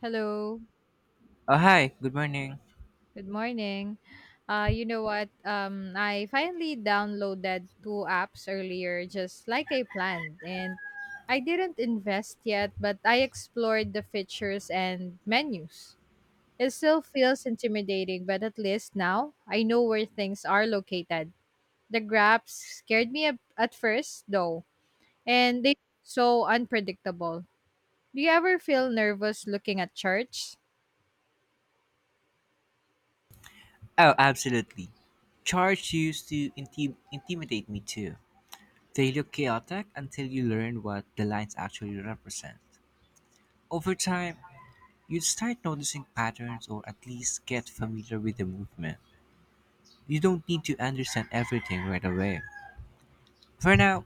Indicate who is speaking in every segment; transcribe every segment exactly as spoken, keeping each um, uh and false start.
Speaker 1: Hello,
Speaker 2: Oh, hi. Good morning.
Speaker 1: good morning. Uh, you know what? Um, I finally downloaded two apps earlier, just like I planned, and I didn't invest yet, but I explored the features and menus. It still feels intimidating, but at least now I know where things are located. The graphs scared me ab- at first, though, and they so unpredictable. Do you ever feel nervous looking at charts?
Speaker 2: Oh, absolutely. Charge used to inti- intimidate me too. They look chaotic until you learn what the lines actually represent. Over time, you start noticing patterns or at least get familiar with the movement. You don't need to understand everything right away. For now,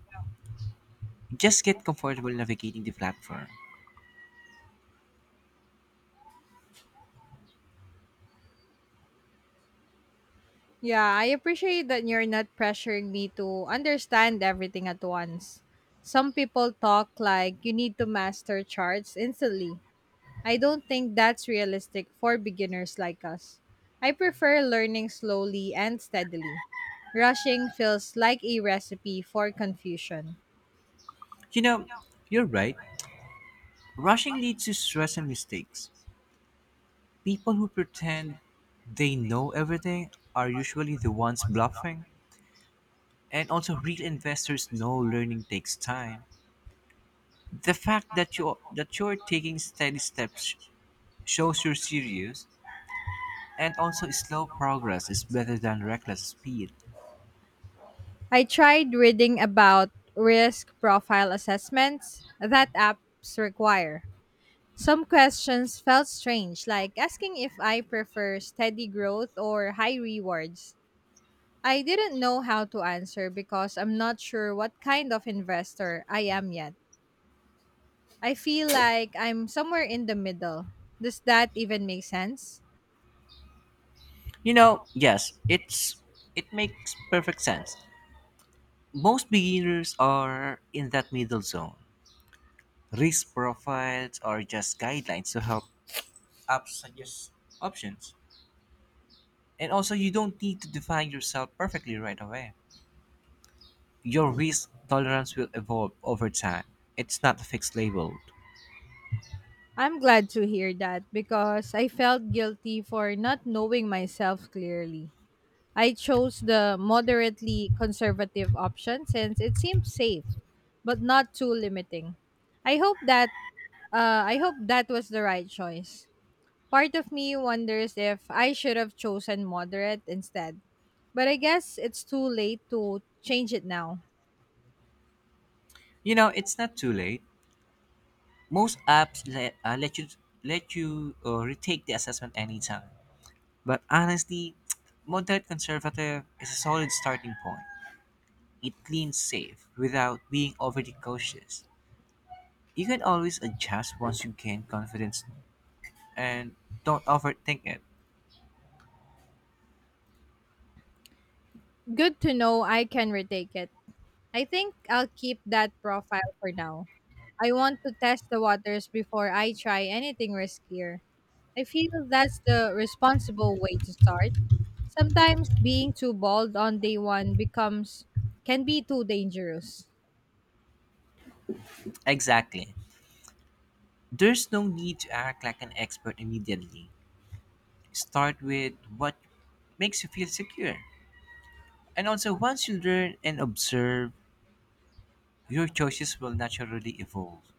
Speaker 2: just get comfortable navigating the platform.
Speaker 1: Yeah, I appreciate that you're not pressuring me to understand everything at once. Some people talk like you need to master charts instantly. I don't think that's realistic for beginners like us. I prefer learning slowly and steadily. Rushing feels like a recipe for confusion.
Speaker 2: You know, you're right. Rushing leads to stress and mistakes. People who pretend they know everything are usually the ones bluffing. And also, real investors know learning takes time. The fact that you that you're taking steady steps shows you're serious. And also, slow progress is better than reckless speed.
Speaker 1: I tried reading about risk profile assessments that apps require. Some questions felt strange, like asking if I prefer steady growth or high rewards. I didn't know how to answer because I'm not sure what kind of investor I am yet. I feel like I'm somewhere in the middle. Does that even make sense?
Speaker 2: You know, yes, it's it makes perfect sense. Most beginners are in that middle zone. Risk profiles are just guidelines to help up suggest options. And also, you don't need to define yourself perfectly right away. Your risk tolerance will evolve over time. It's not a fixed label.
Speaker 1: I'm glad to hear that because I felt guilty for not knowing myself clearly. I chose the moderately conservative option since it seemed safe, but not too limiting. I hope that Uh, I hope that was the right choice. Part of me wonders if I should have chosen moderate instead. But I guess it's too late to change it now.
Speaker 2: You know, it's not too late. Most apps let, uh, let you let you uh, retake the assessment anytime. But honestly, moderate conservative is a solid starting point. It cleans safe without being overly cautious. You can always adjust once you gain confidence, and don't overthink it.
Speaker 1: Good to know I can retake it. I think I'll keep that profile for now. I want to test the waters before I try anything riskier. I feel that's the responsible way to start. Sometimes being too bold on day one becomes can be too dangerous.
Speaker 2: Exactly. There's no need to act like an expert immediately. Start with what makes you feel secure. And also, once you learn and observe, your choices will naturally evolve.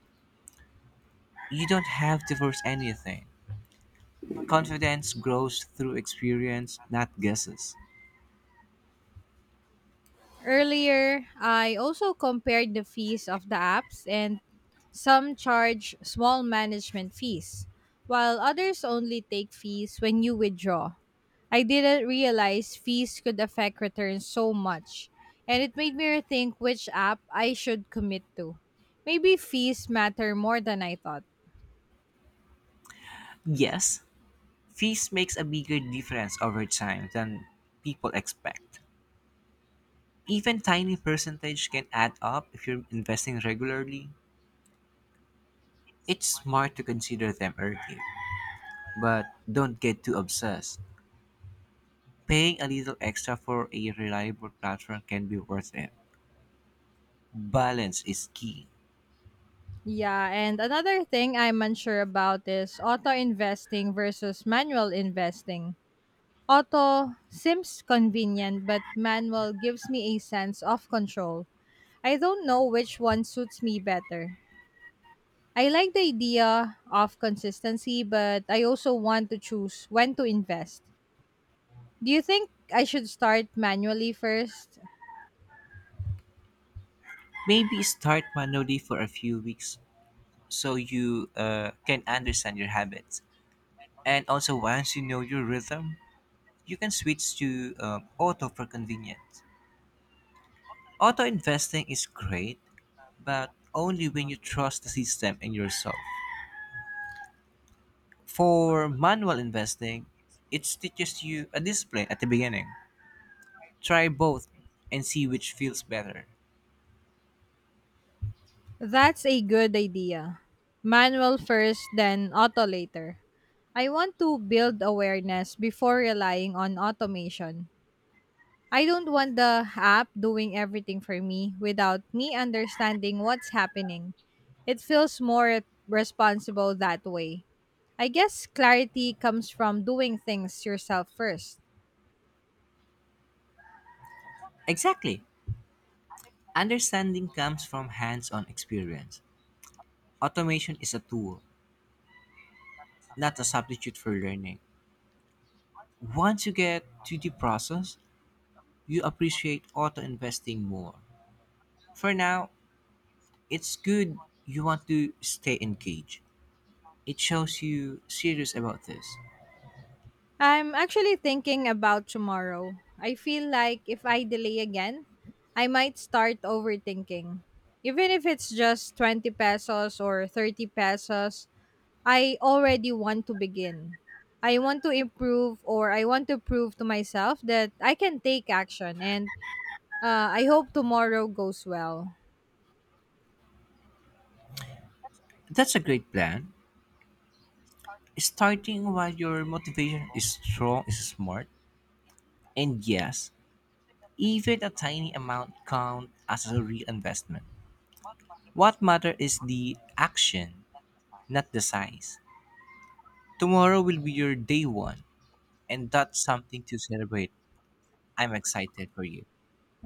Speaker 2: You don't have to force anything. Confidence grows through experience, not guesses.
Speaker 1: Earlier, I also compared the fees of the apps, and some charge small management fees, while others only take fees when you withdraw. I didn't realize fees could affect returns so much, and it made me rethink which app I should commit to. Maybe fees matter more than I thought.
Speaker 2: Yes, fees makes a bigger difference over time than people expect. Even tiny percentage can add up if you're investing regularly. It's smart to consider them early, but don't get too obsessed. Paying a little extra for a reliable platform can be worth it. Balance is key.
Speaker 1: Yeah, and another thing I'm unsure about is auto investing versus manual investing. Auto seems convenient, but manual gives me a sense of control. I don't know which one suits me better. I like the idea of consistency, but I also want to choose when to invest. Do you think I should start manually first?
Speaker 2: Maybe start manually for a few weeks so you uh, can understand your habits. And also, once you know your rhythm, you can switch to um, auto for convenience. Auto investing is great, but only when you trust the system and yourself. For manual investing, it teaches you a discipline at the beginning. Try both and see which feels better.
Speaker 1: That's a good idea. Manual first, then auto later. I want to build awareness before relying on automation. I don't want the app doing everything for me without me understanding what's happening. It feels more responsible that way. I guess clarity comes from doing things yourself first.
Speaker 2: Exactly. Understanding comes from hands on experience. Automation is a tool, not a substitute for learning. Once you get to the process, you appreciate auto investing more. For now, it's good you want to stay engaged. It shows you serious about this.
Speaker 1: I'm actually thinking about tomorrow. I feel like if I delay again, I might start overthinking. Even if it's just 20 pesos or 30 pesos, I already want to begin. I want to improve or I want to prove to myself that I can take action, and uh, I hope tomorrow goes well.
Speaker 2: That's a great plan. Starting while your motivation is strong is smart. And yes, even a tiny amount count as a real investment. What matter is the action, not the size. Tomorrow will be your day one, and that's something to celebrate. I'm excited for you.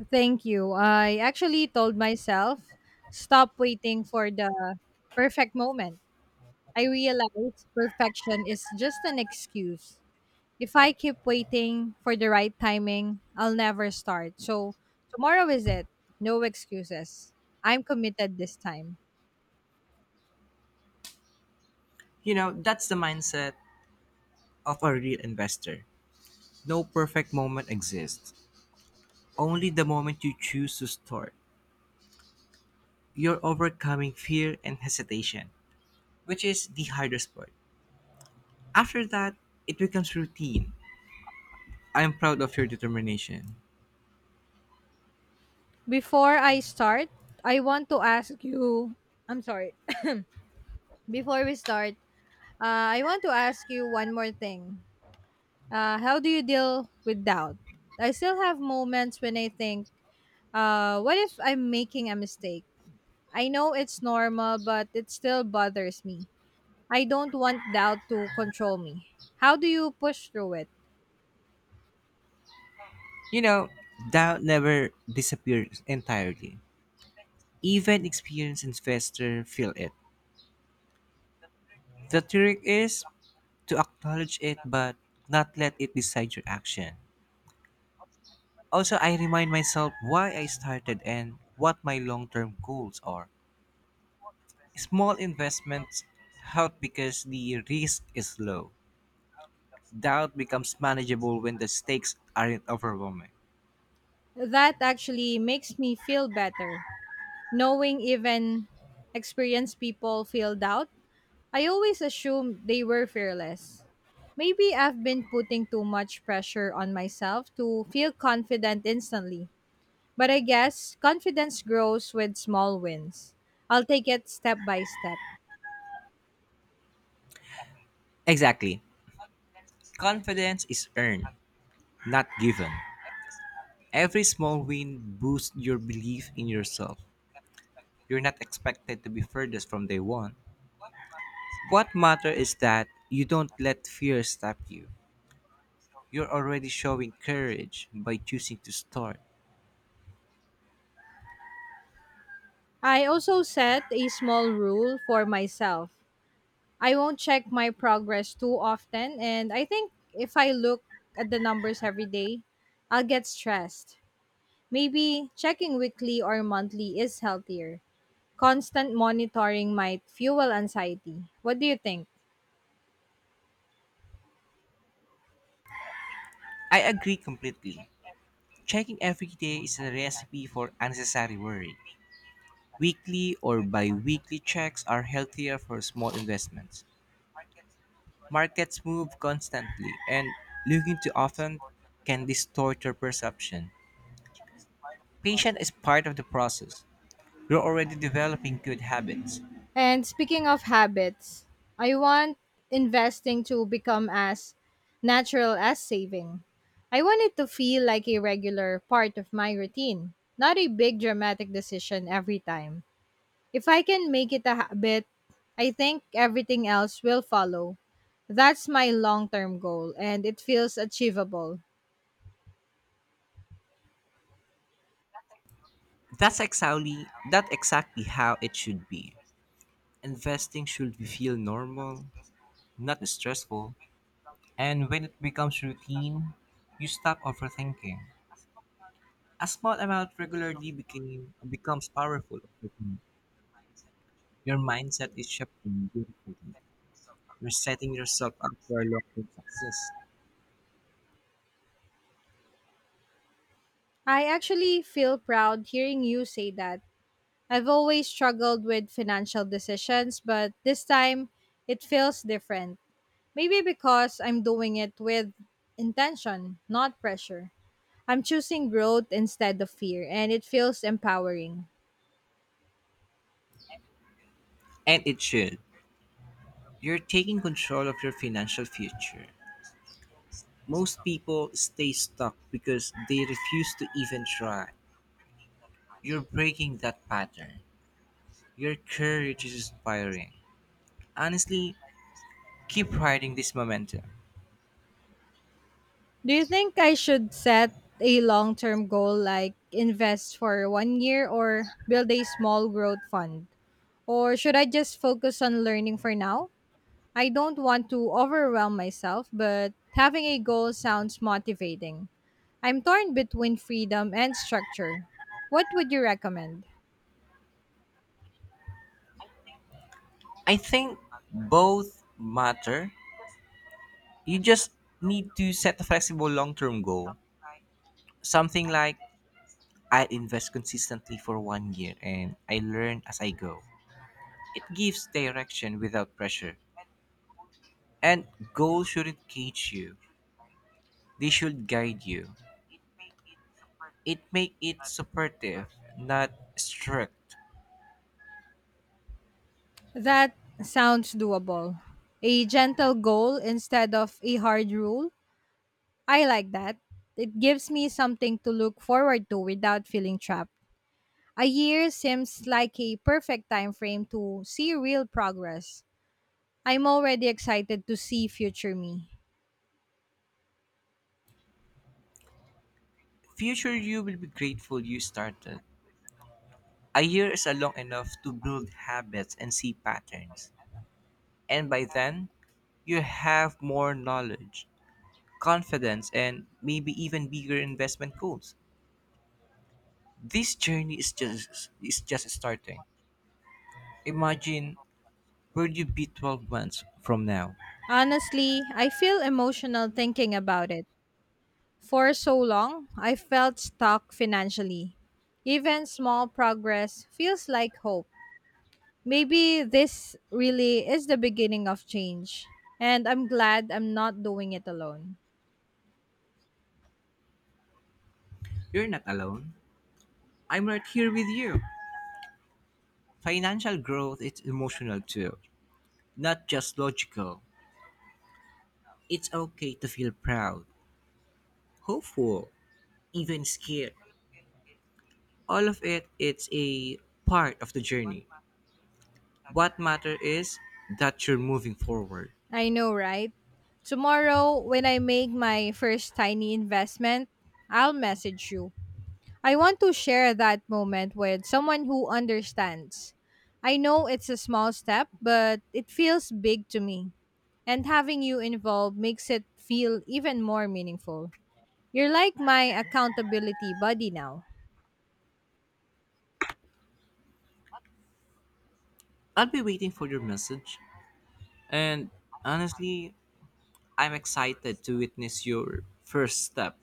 Speaker 1: Thank you. I actually told myself stop waiting for the perfect moment. I realized perfection is just an excuse. If I keep waiting for the right timing, I'll never start. So tomorrow is it. No excuses. I'm committed this time.
Speaker 2: You know, that's the mindset of a real investor. No perfect moment exists, only the moment you choose to start. You're overcoming fear and hesitation, which is the hardest part. After that, it becomes routine. I'm proud of your determination.
Speaker 1: Before I start, I want to ask you, I'm sorry. Before we start, uh, I want to ask you one more thing. Uh, how do you deal with doubt? I still have moments when I think, uh, what if I'm making a mistake? I know it's normal, but it still bothers me. I don't want doubt to control me. How do you push through it?
Speaker 2: You know, doubt never disappears entirely. Even experienced investors feel it. The trick is to acknowledge it but not let it decide your action. Also, I remind myself why I started and what my long term goals are. Small investments help because the risk is low. Doubt becomes manageable when the stakes aren't overwhelming.
Speaker 1: That actually makes me feel better. Knowing even experienced people feel doubt, I always assumed they were fearless. Maybe I've been putting too much pressure on myself to feel confident instantly. But I guess confidence grows with small wins. I'll take it step by step.
Speaker 2: Exactly. Confidence is earned, not given. Every small win boosts your belief in yourself. You're not expected to be furthest from day one. What matters is that you don't let fear stop you. You're already showing courage by choosing to start.
Speaker 1: I also set a small rule for myself. I won't check my progress too often, and I think if I look at the numbers every day, I'll get stressed. Maybe checking weekly or monthly is healthier. Constant monitoring might fuel anxiety. What do you think?
Speaker 2: I agree completely. Checking every day is a recipe for unnecessary worry. Weekly or bi weekly checks are healthier for small investments. Markets move constantly, and looking too often can distort your perception. Patience is part of the process. You're already developing good habits.
Speaker 1: And speaking of habits, I want investing to become as natural as saving. I want it to feel like a regular part of my routine, not a big dramatic decision every time. If I can make it a habit, I think everything else will follow. That's my long term goal, and it feels achievable.
Speaker 2: That's exactly, that's exactly how it should be. Investing should feel normal, not stressful. And when it becomes routine, you stop overthinking. A small amount regularly became, becomes powerful over time. Your mindset is shifting beautifully. You're setting yourself up for long-term success.
Speaker 1: I actually feel proud hearing you say that. I've always struggled with financial decisions, but this time it feels different. Maybe because I'm doing it with intention, not pressure. I'm choosing growth instead of fear, and it feels empowering.
Speaker 2: And it should. You're taking control of your financial future. Most people stay stuck because they refuse to even try. You're breaking that pattern. Your courage is inspiring. Honestly, keep riding this momentum.
Speaker 1: Do you think I should set a long term goal like invest for one year or build a small growth fund? Or should I just focus on learning for now? I don't want to overwhelm myself, but having a goal sounds motivating. I'm torn between freedom and structure. What would you recommend?
Speaker 2: I think both matter. You just need to set a flexible long term goal. Something like I invest consistently for one year and I learn as I go. It gives direction without pressure. And goals shouldn't cage you, they should guide you. It make it supportive, not strict.
Speaker 1: That sounds doable. A gentle goal instead of a hard rule? I like that. It gives me something to look forward to without feeling trapped. A year seems like a perfect time frame to see real progress. I'm already excited to see future me.
Speaker 2: Future you will be grateful you started. A year is a long enough to build habits and see patterns. And by then, you have more knowledge, confidence, and maybe even bigger investment goals. This journey is just is just starting. Imagine where you be twelve months from now.
Speaker 1: Honestly, I feel emotional thinking about it. For so long, I felt stuck financially. Even small progress feels like hope. Maybe this really is the beginning of change. And I'm glad I'm not doing it alone.
Speaker 2: You're not alone. I'm right here with you. Financial growth is emotional too, not just logical. It's okay to feel proud, hopeful, even scared. All of it it's a part of the journey. What matter is that you're moving forward.
Speaker 1: I know, right? Tomorrow, when I make my first tiny investment, I'll message you. I want to share that moment with someone who understands. I know it's a small step, but it feels big to me, and having you involved makes it feel even more meaningful. You're like my accountability buddy now.
Speaker 2: I'll be waiting for your message. And honestly, I'm excited to witness your first step.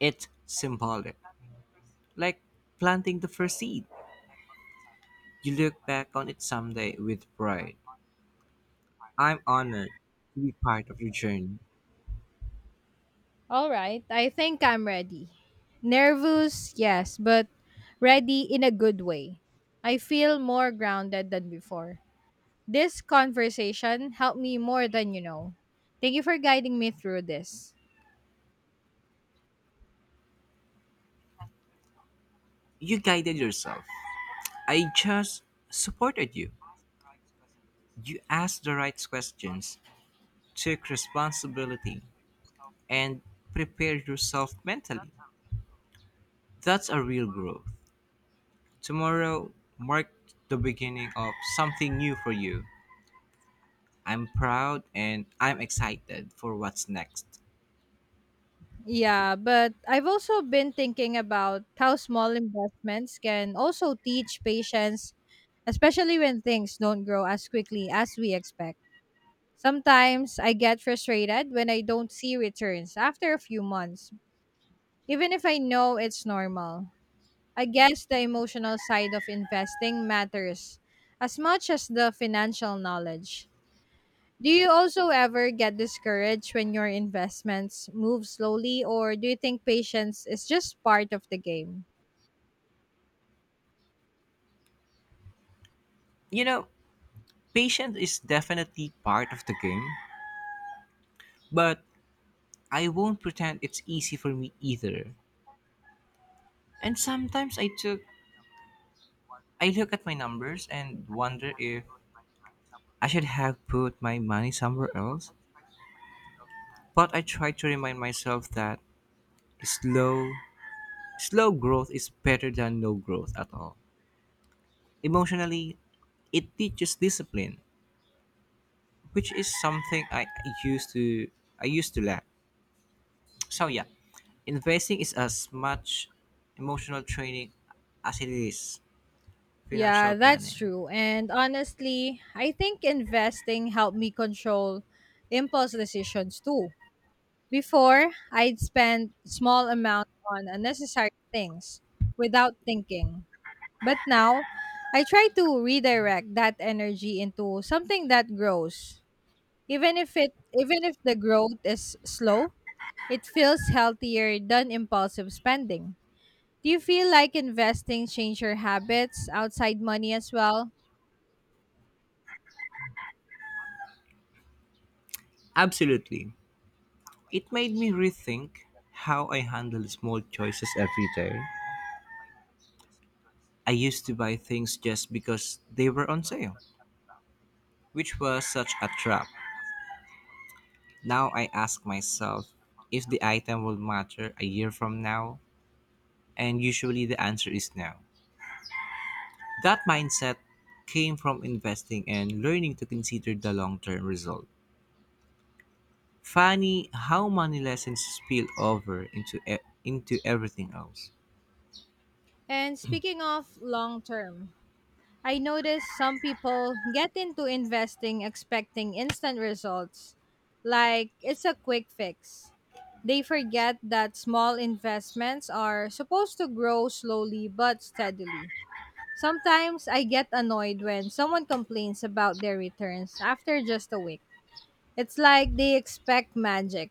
Speaker 2: It's symbolic, like planting the first seed. You look back on it someday with pride. I'm honored to be part of your journey.
Speaker 1: All right, I think I'm ready. Nervous, yes, but ready in a good way. I feel more grounded than before. This conversation helped me more than you know. Thank you for guiding me through this.
Speaker 2: You guided yourself. I just supported you. You asked the right questions, took responsibility, and prepared yourself mentally. That's a real growth. Tomorrow marked the beginning of something new for you. I'm proud and I'm excited for what's next.
Speaker 1: Yeah, but I've also been thinking about how small investments can also teach patience, especially when things don't grow as quickly as we expect. Sometimes I get frustrated when I don't see returns after a few months, even if I know it's normal. I guess the emotional side of investing matters as much as the financial knowledge. Do you also ever get discouraged when your investments move slowly, or do you think patience is just part of the game?
Speaker 2: You know, patience is definitely part of the game, but I won't pretend it's easy for me either. And sometimes I took I look at my numbers and wonder if I should have put my money somewhere else. But I try to remind myself that slow slow growth is better than no growth at all. Emotionally, it teaches discipline, which is something I used to I used to lack. So yeah, investing is as much emotional training as it is
Speaker 1: Yeah,
Speaker 2: financial
Speaker 1: that's
Speaker 2: planning.
Speaker 1: true. And honestly, I think investing helped me control impulse decisions too. Before, I'd spend small amount on unnecessary things without thinking. But now, I try to redirect that energy into something that grows. Even if it even if the growth is slow, it feels healthier than impulsive spending. Do you feel like investing change your habits outside money as well?
Speaker 2: Absolutely. It made me rethink how I handle small choices every day. I used to buy things just because they were on sale, which was such a trap. Now I ask myself if the item will matter a year from now and usually the answer is no. That mindset came from investing and learning to consider the long term result. Funny how money lessons spill over into, e- into everything else.
Speaker 1: And speaking of long term, I notice some people get into investing expecting instant results, like it's a quick fix. They forget that small investments are supposed to grow slowly but steadily. Sometimes I get annoyed when someone complains about their returns after just a week. It's like they expect magic.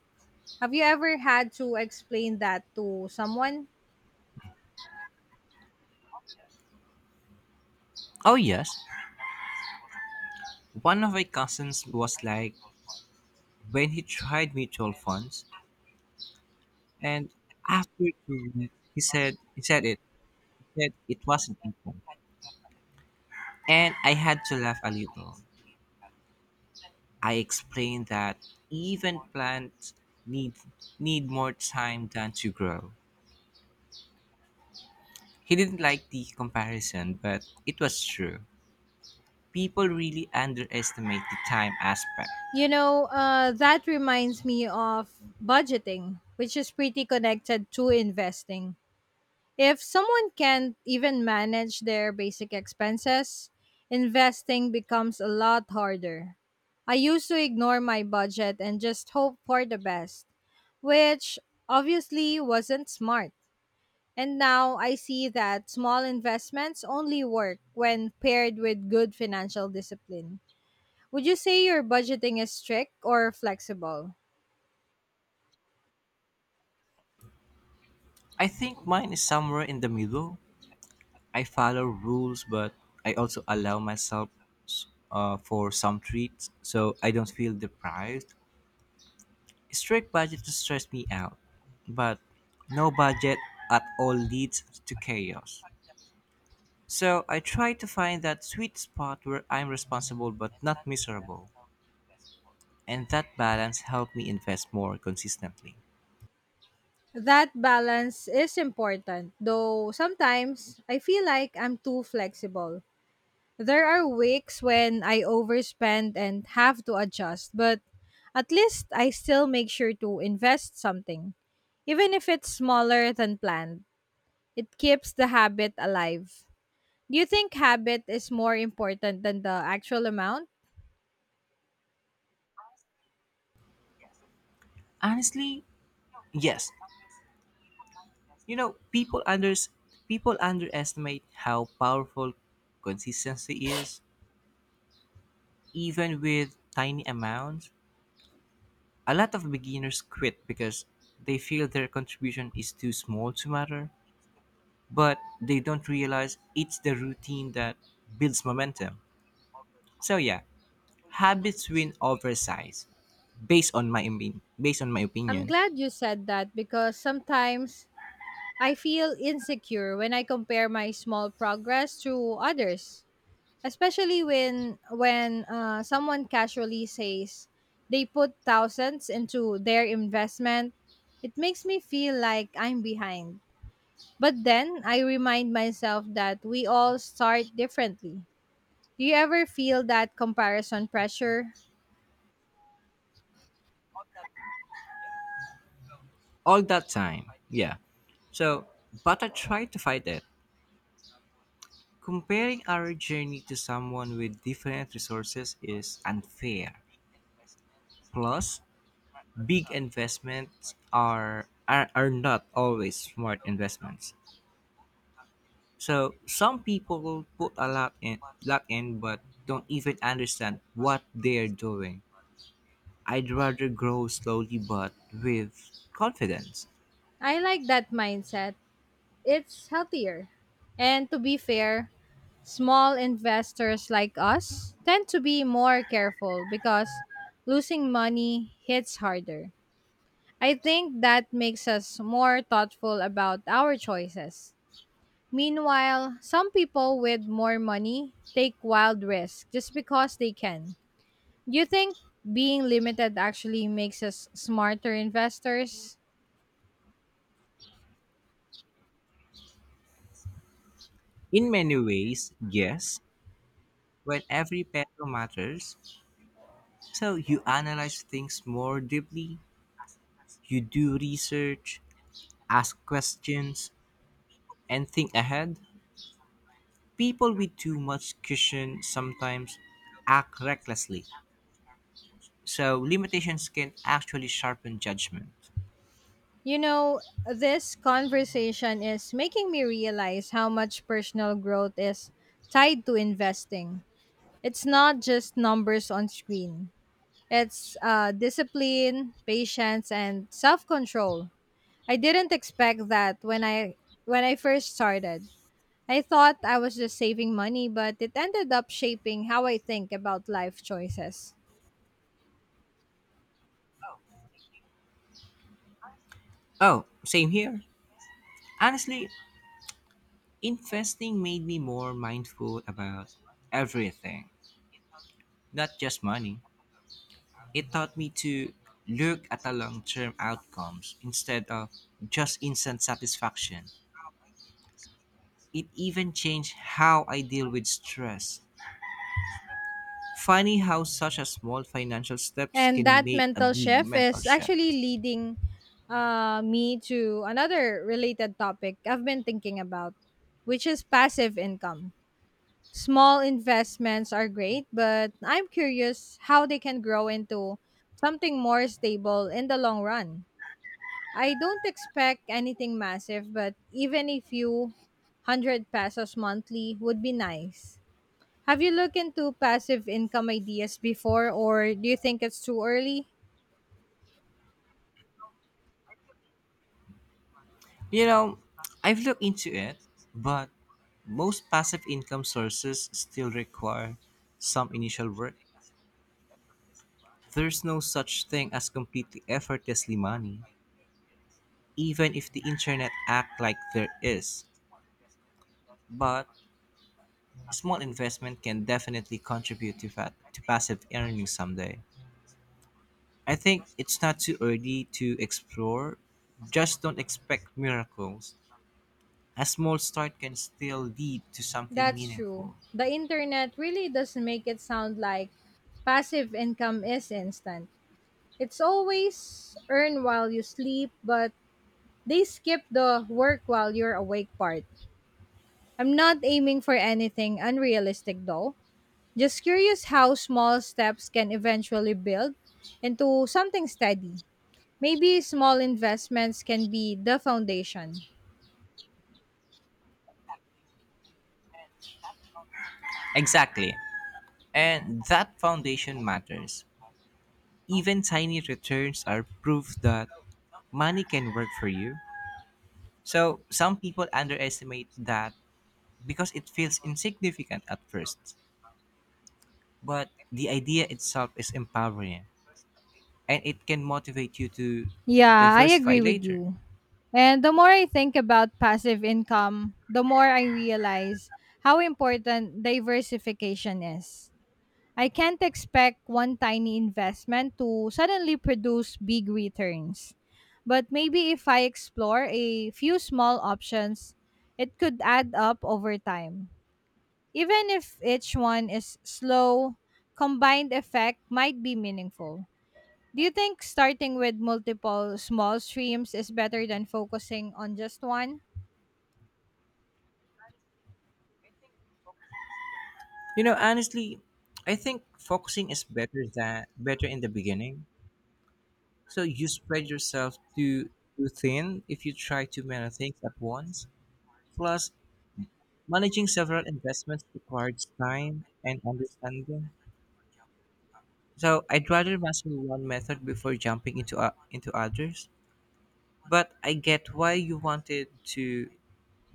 Speaker 1: Have you ever had to explain that to someone?
Speaker 2: Oh, yes. One of my cousins was like, when he tried mutual funds, and after two weeks, he said, he said it, he said it wasn't mutual. And I had to laugh a little. I explained that even plants need need more time than to grow. He didn't like the comparison, but it was true. People really underestimate the time aspect.
Speaker 1: You know, uh, that reminds me of budgeting, which is pretty connected to investing. If someone can't even manage their basic expenses, investing becomes a lot harder. I used to ignore my budget and just hope for the best, which obviously wasn't smart. And now I see that small investments only work when paired with good financial discipline. Would you say your budgeting is strict or flexible?
Speaker 2: I think mine is somewhere in the middle. I follow rules, but I also allow myself uh, for some treats, so I don't feel deprived. Strict budget to stress me out, but no budget at all leads to chaos. So I try to find that sweet spot where I'm responsible but not miserable. And that balance helped me invest more consistently.
Speaker 1: That balance is important, though sometimes I feel like I'm too flexible. There are weeks when I overspend and have to adjust, but at least I still make sure to invest something, even if it's smaller than planned. It keeps the habit alive. Do you think habit is more important than the actual amount?
Speaker 2: Honestly, yes. You know, people unders people underestimate how powerful consistency is, even with tiny amounts. A lot of beginners quit because they feel their contribution is too small to matter, but they don't realize it's the routine that builds momentum. So yeah, habits win over size, based on my opin- based on my
Speaker 1: I'm
Speaker 2: opinion.
Speaker 1: glad you said that because sometimes I feel insecure when I compare my small progress to others, especially when when uh, someone casually says they put thousands into their investment. It makes me feel like I'm behind. But then I remind myself that we all start differently. Do you ever feel that comparison pressure?
Speaker 2: All that time, yeah. So, but I try to fight it. Comparing our journey to someone with different resources is unfair. Plus, big investments are are, are not always smart investments. So, some people put a lot in lot in but don't even understand what they're doing. I'd rather grow slowly but with confidence.
Speaker 1: I like that mindset. It's healthier. And to be fair, small investors like us tend to be more careful because losing money hits harder. I think that makes us more thoughtful about our choices. Meanwhile, some people with more money take wild risks just because they can. Do you think being limited actually makes us smarter investors?
Speaker 2: In many ways, yes, when every peso matters. So you analyze things more deeply, you do research, ask questions, and think ahead. People with too much cushion sometimes act recklessly. So limitations can actually sharpen judgment.
Speaker 1: You know, this conversation is making me realize how much personal growth is tied to investing. It's not just numbers on screen, it's uh, discipline, patience, and self control. I didn't expect that when I when I first started. I thought I was just saving money, but it ended up shaping how I think about life choices.
Speaker 2: Oh, same here. Honestly, investing made me more mindful about everything, not just money. It taught me to look at the long term outcomes instead of just instant satisfaction. It even changed how I deal with stress. Funny how such a small financial steps
Speaker 1: And
Speaker 2: can
Speaker 1: that
Speaker 2: make a
Speaker 1: mental
Speaker 2: big
Speaker 1: shift
Speaker 2: mental
Speaker 1: is actually
Speaker 2: shift.
Speaker 1: leading uh, me to another related topic I've been thinking about, which is passive income. Small investments are great, but I'm curious how they can grow into something more stable in the long run. I don't expect anything massive, but even a few hundred pesos monthly would be nice. Have you looked into passive income ideas before, or do you think it's too early?
Speaker 2: You know, I've looked into it, but most passive income sources still require some initial work. There's no such thing as completely effortlessly money, even if the internet act like there is. But small investment can definitely contribute to, fat, to passive earnings someday. I think it's not too early to explore. Just don't expect miracles. A small start can still lead to something
Speaker 1: That's true.
Speaker 2: meaningful.
Speaker 1: The internet really does make it sound like passive income is instant. It's always earn while you sleep, but they skip the work while you're awake part. I'm not aiming for anything unrealistic though. Just curious how small steps can eventually build into something steady. Maybe small investments can be the foundation.
Speaker 2: Exactly. And that foundation matters. Even tiny returns are proof that money can work for you. So, some people underestimate that because it feels insignificant at first. But the idea itself is empowering. And it can motivate you to
Speaker 1: Yeah, I
Speaker 2: diversify
Speaker 1: agree with
Speaker 2: later.
Speaker 1: you. And the more I think about passive income, the more I realize how important diversification is. I can't expect one tiny investment to suddenly produce big returns. But maybe if I explore a few small options, it could add up over time. Even if each one is slow, combined effect might be meaningful. Do you think starting with multiple small streams is better than focusing on just one?
Speaker 2: You know, honestly, I think focusing is better than better in the beginning. So you spread yourself too too thin if you try too many things at once. Plus, managing several investments requires time and understanding. So I'd rather master one method before jumping into uh, into others. But I get why you wanted to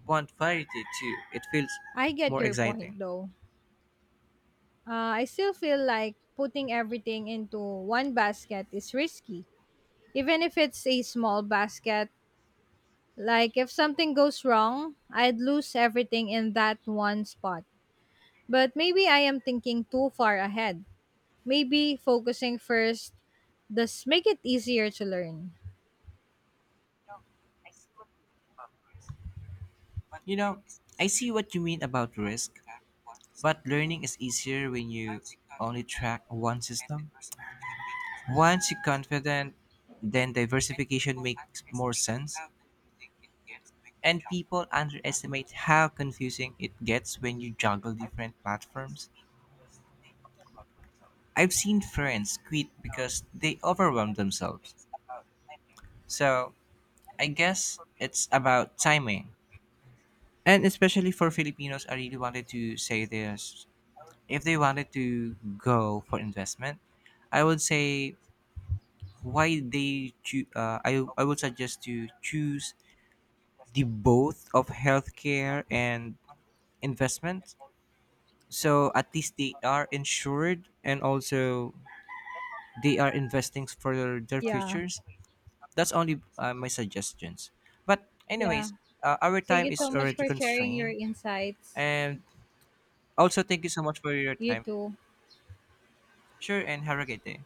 Speaker 2: want variety too. It feels
Speaker 1: I get
Speaker 2: more
Speaker 1: your point
Speaker 2: exciting.
Speaker 1: though. Uh, I still feel like putting everything into one basket is risky. Even if it's a small basket, like if something goes wrong, I'd lose everything in that one spot. But maybe I am thinking too far ahead. Maybe focusing first does make it easier to learn.
Speaker 2: You know, I see what you mean about risk, but learning is easier when you only track one system. Once you're confident, then diversification makes more sense. And people underestimate how confusing it gets when you juggle different platforms. I've seen friends quit because they overwhelm themselves. So I guess it's about timing. And especially for Filipinos, I really wanted to say this: if they wanted to go for investment, I would say why they choo- uh, I, I would suggest to choose the both of healthcare and investment. So at least they are insured and also they are investing for their
Speaker 1: Yeah,
Speaker 2: futures. That's only uh, my suggestions. But
Speaker 1: yeah.
Speaker 2: anyways, uh, our
Speaker 1: Thank
Speaker 2: time
Speaker 1: you so
Speaker 2: is
Speaker 1: much
Speaker 2: already
Speaker 1: for sharing your
Speaker 2: constrained.
Speaker 1: insights.
Speaker 2: And also thank you so much for your
Speaker 1: You
Speaker 2: time.
Speaker 1: too.
Speaker 2: Sure, and have a great day.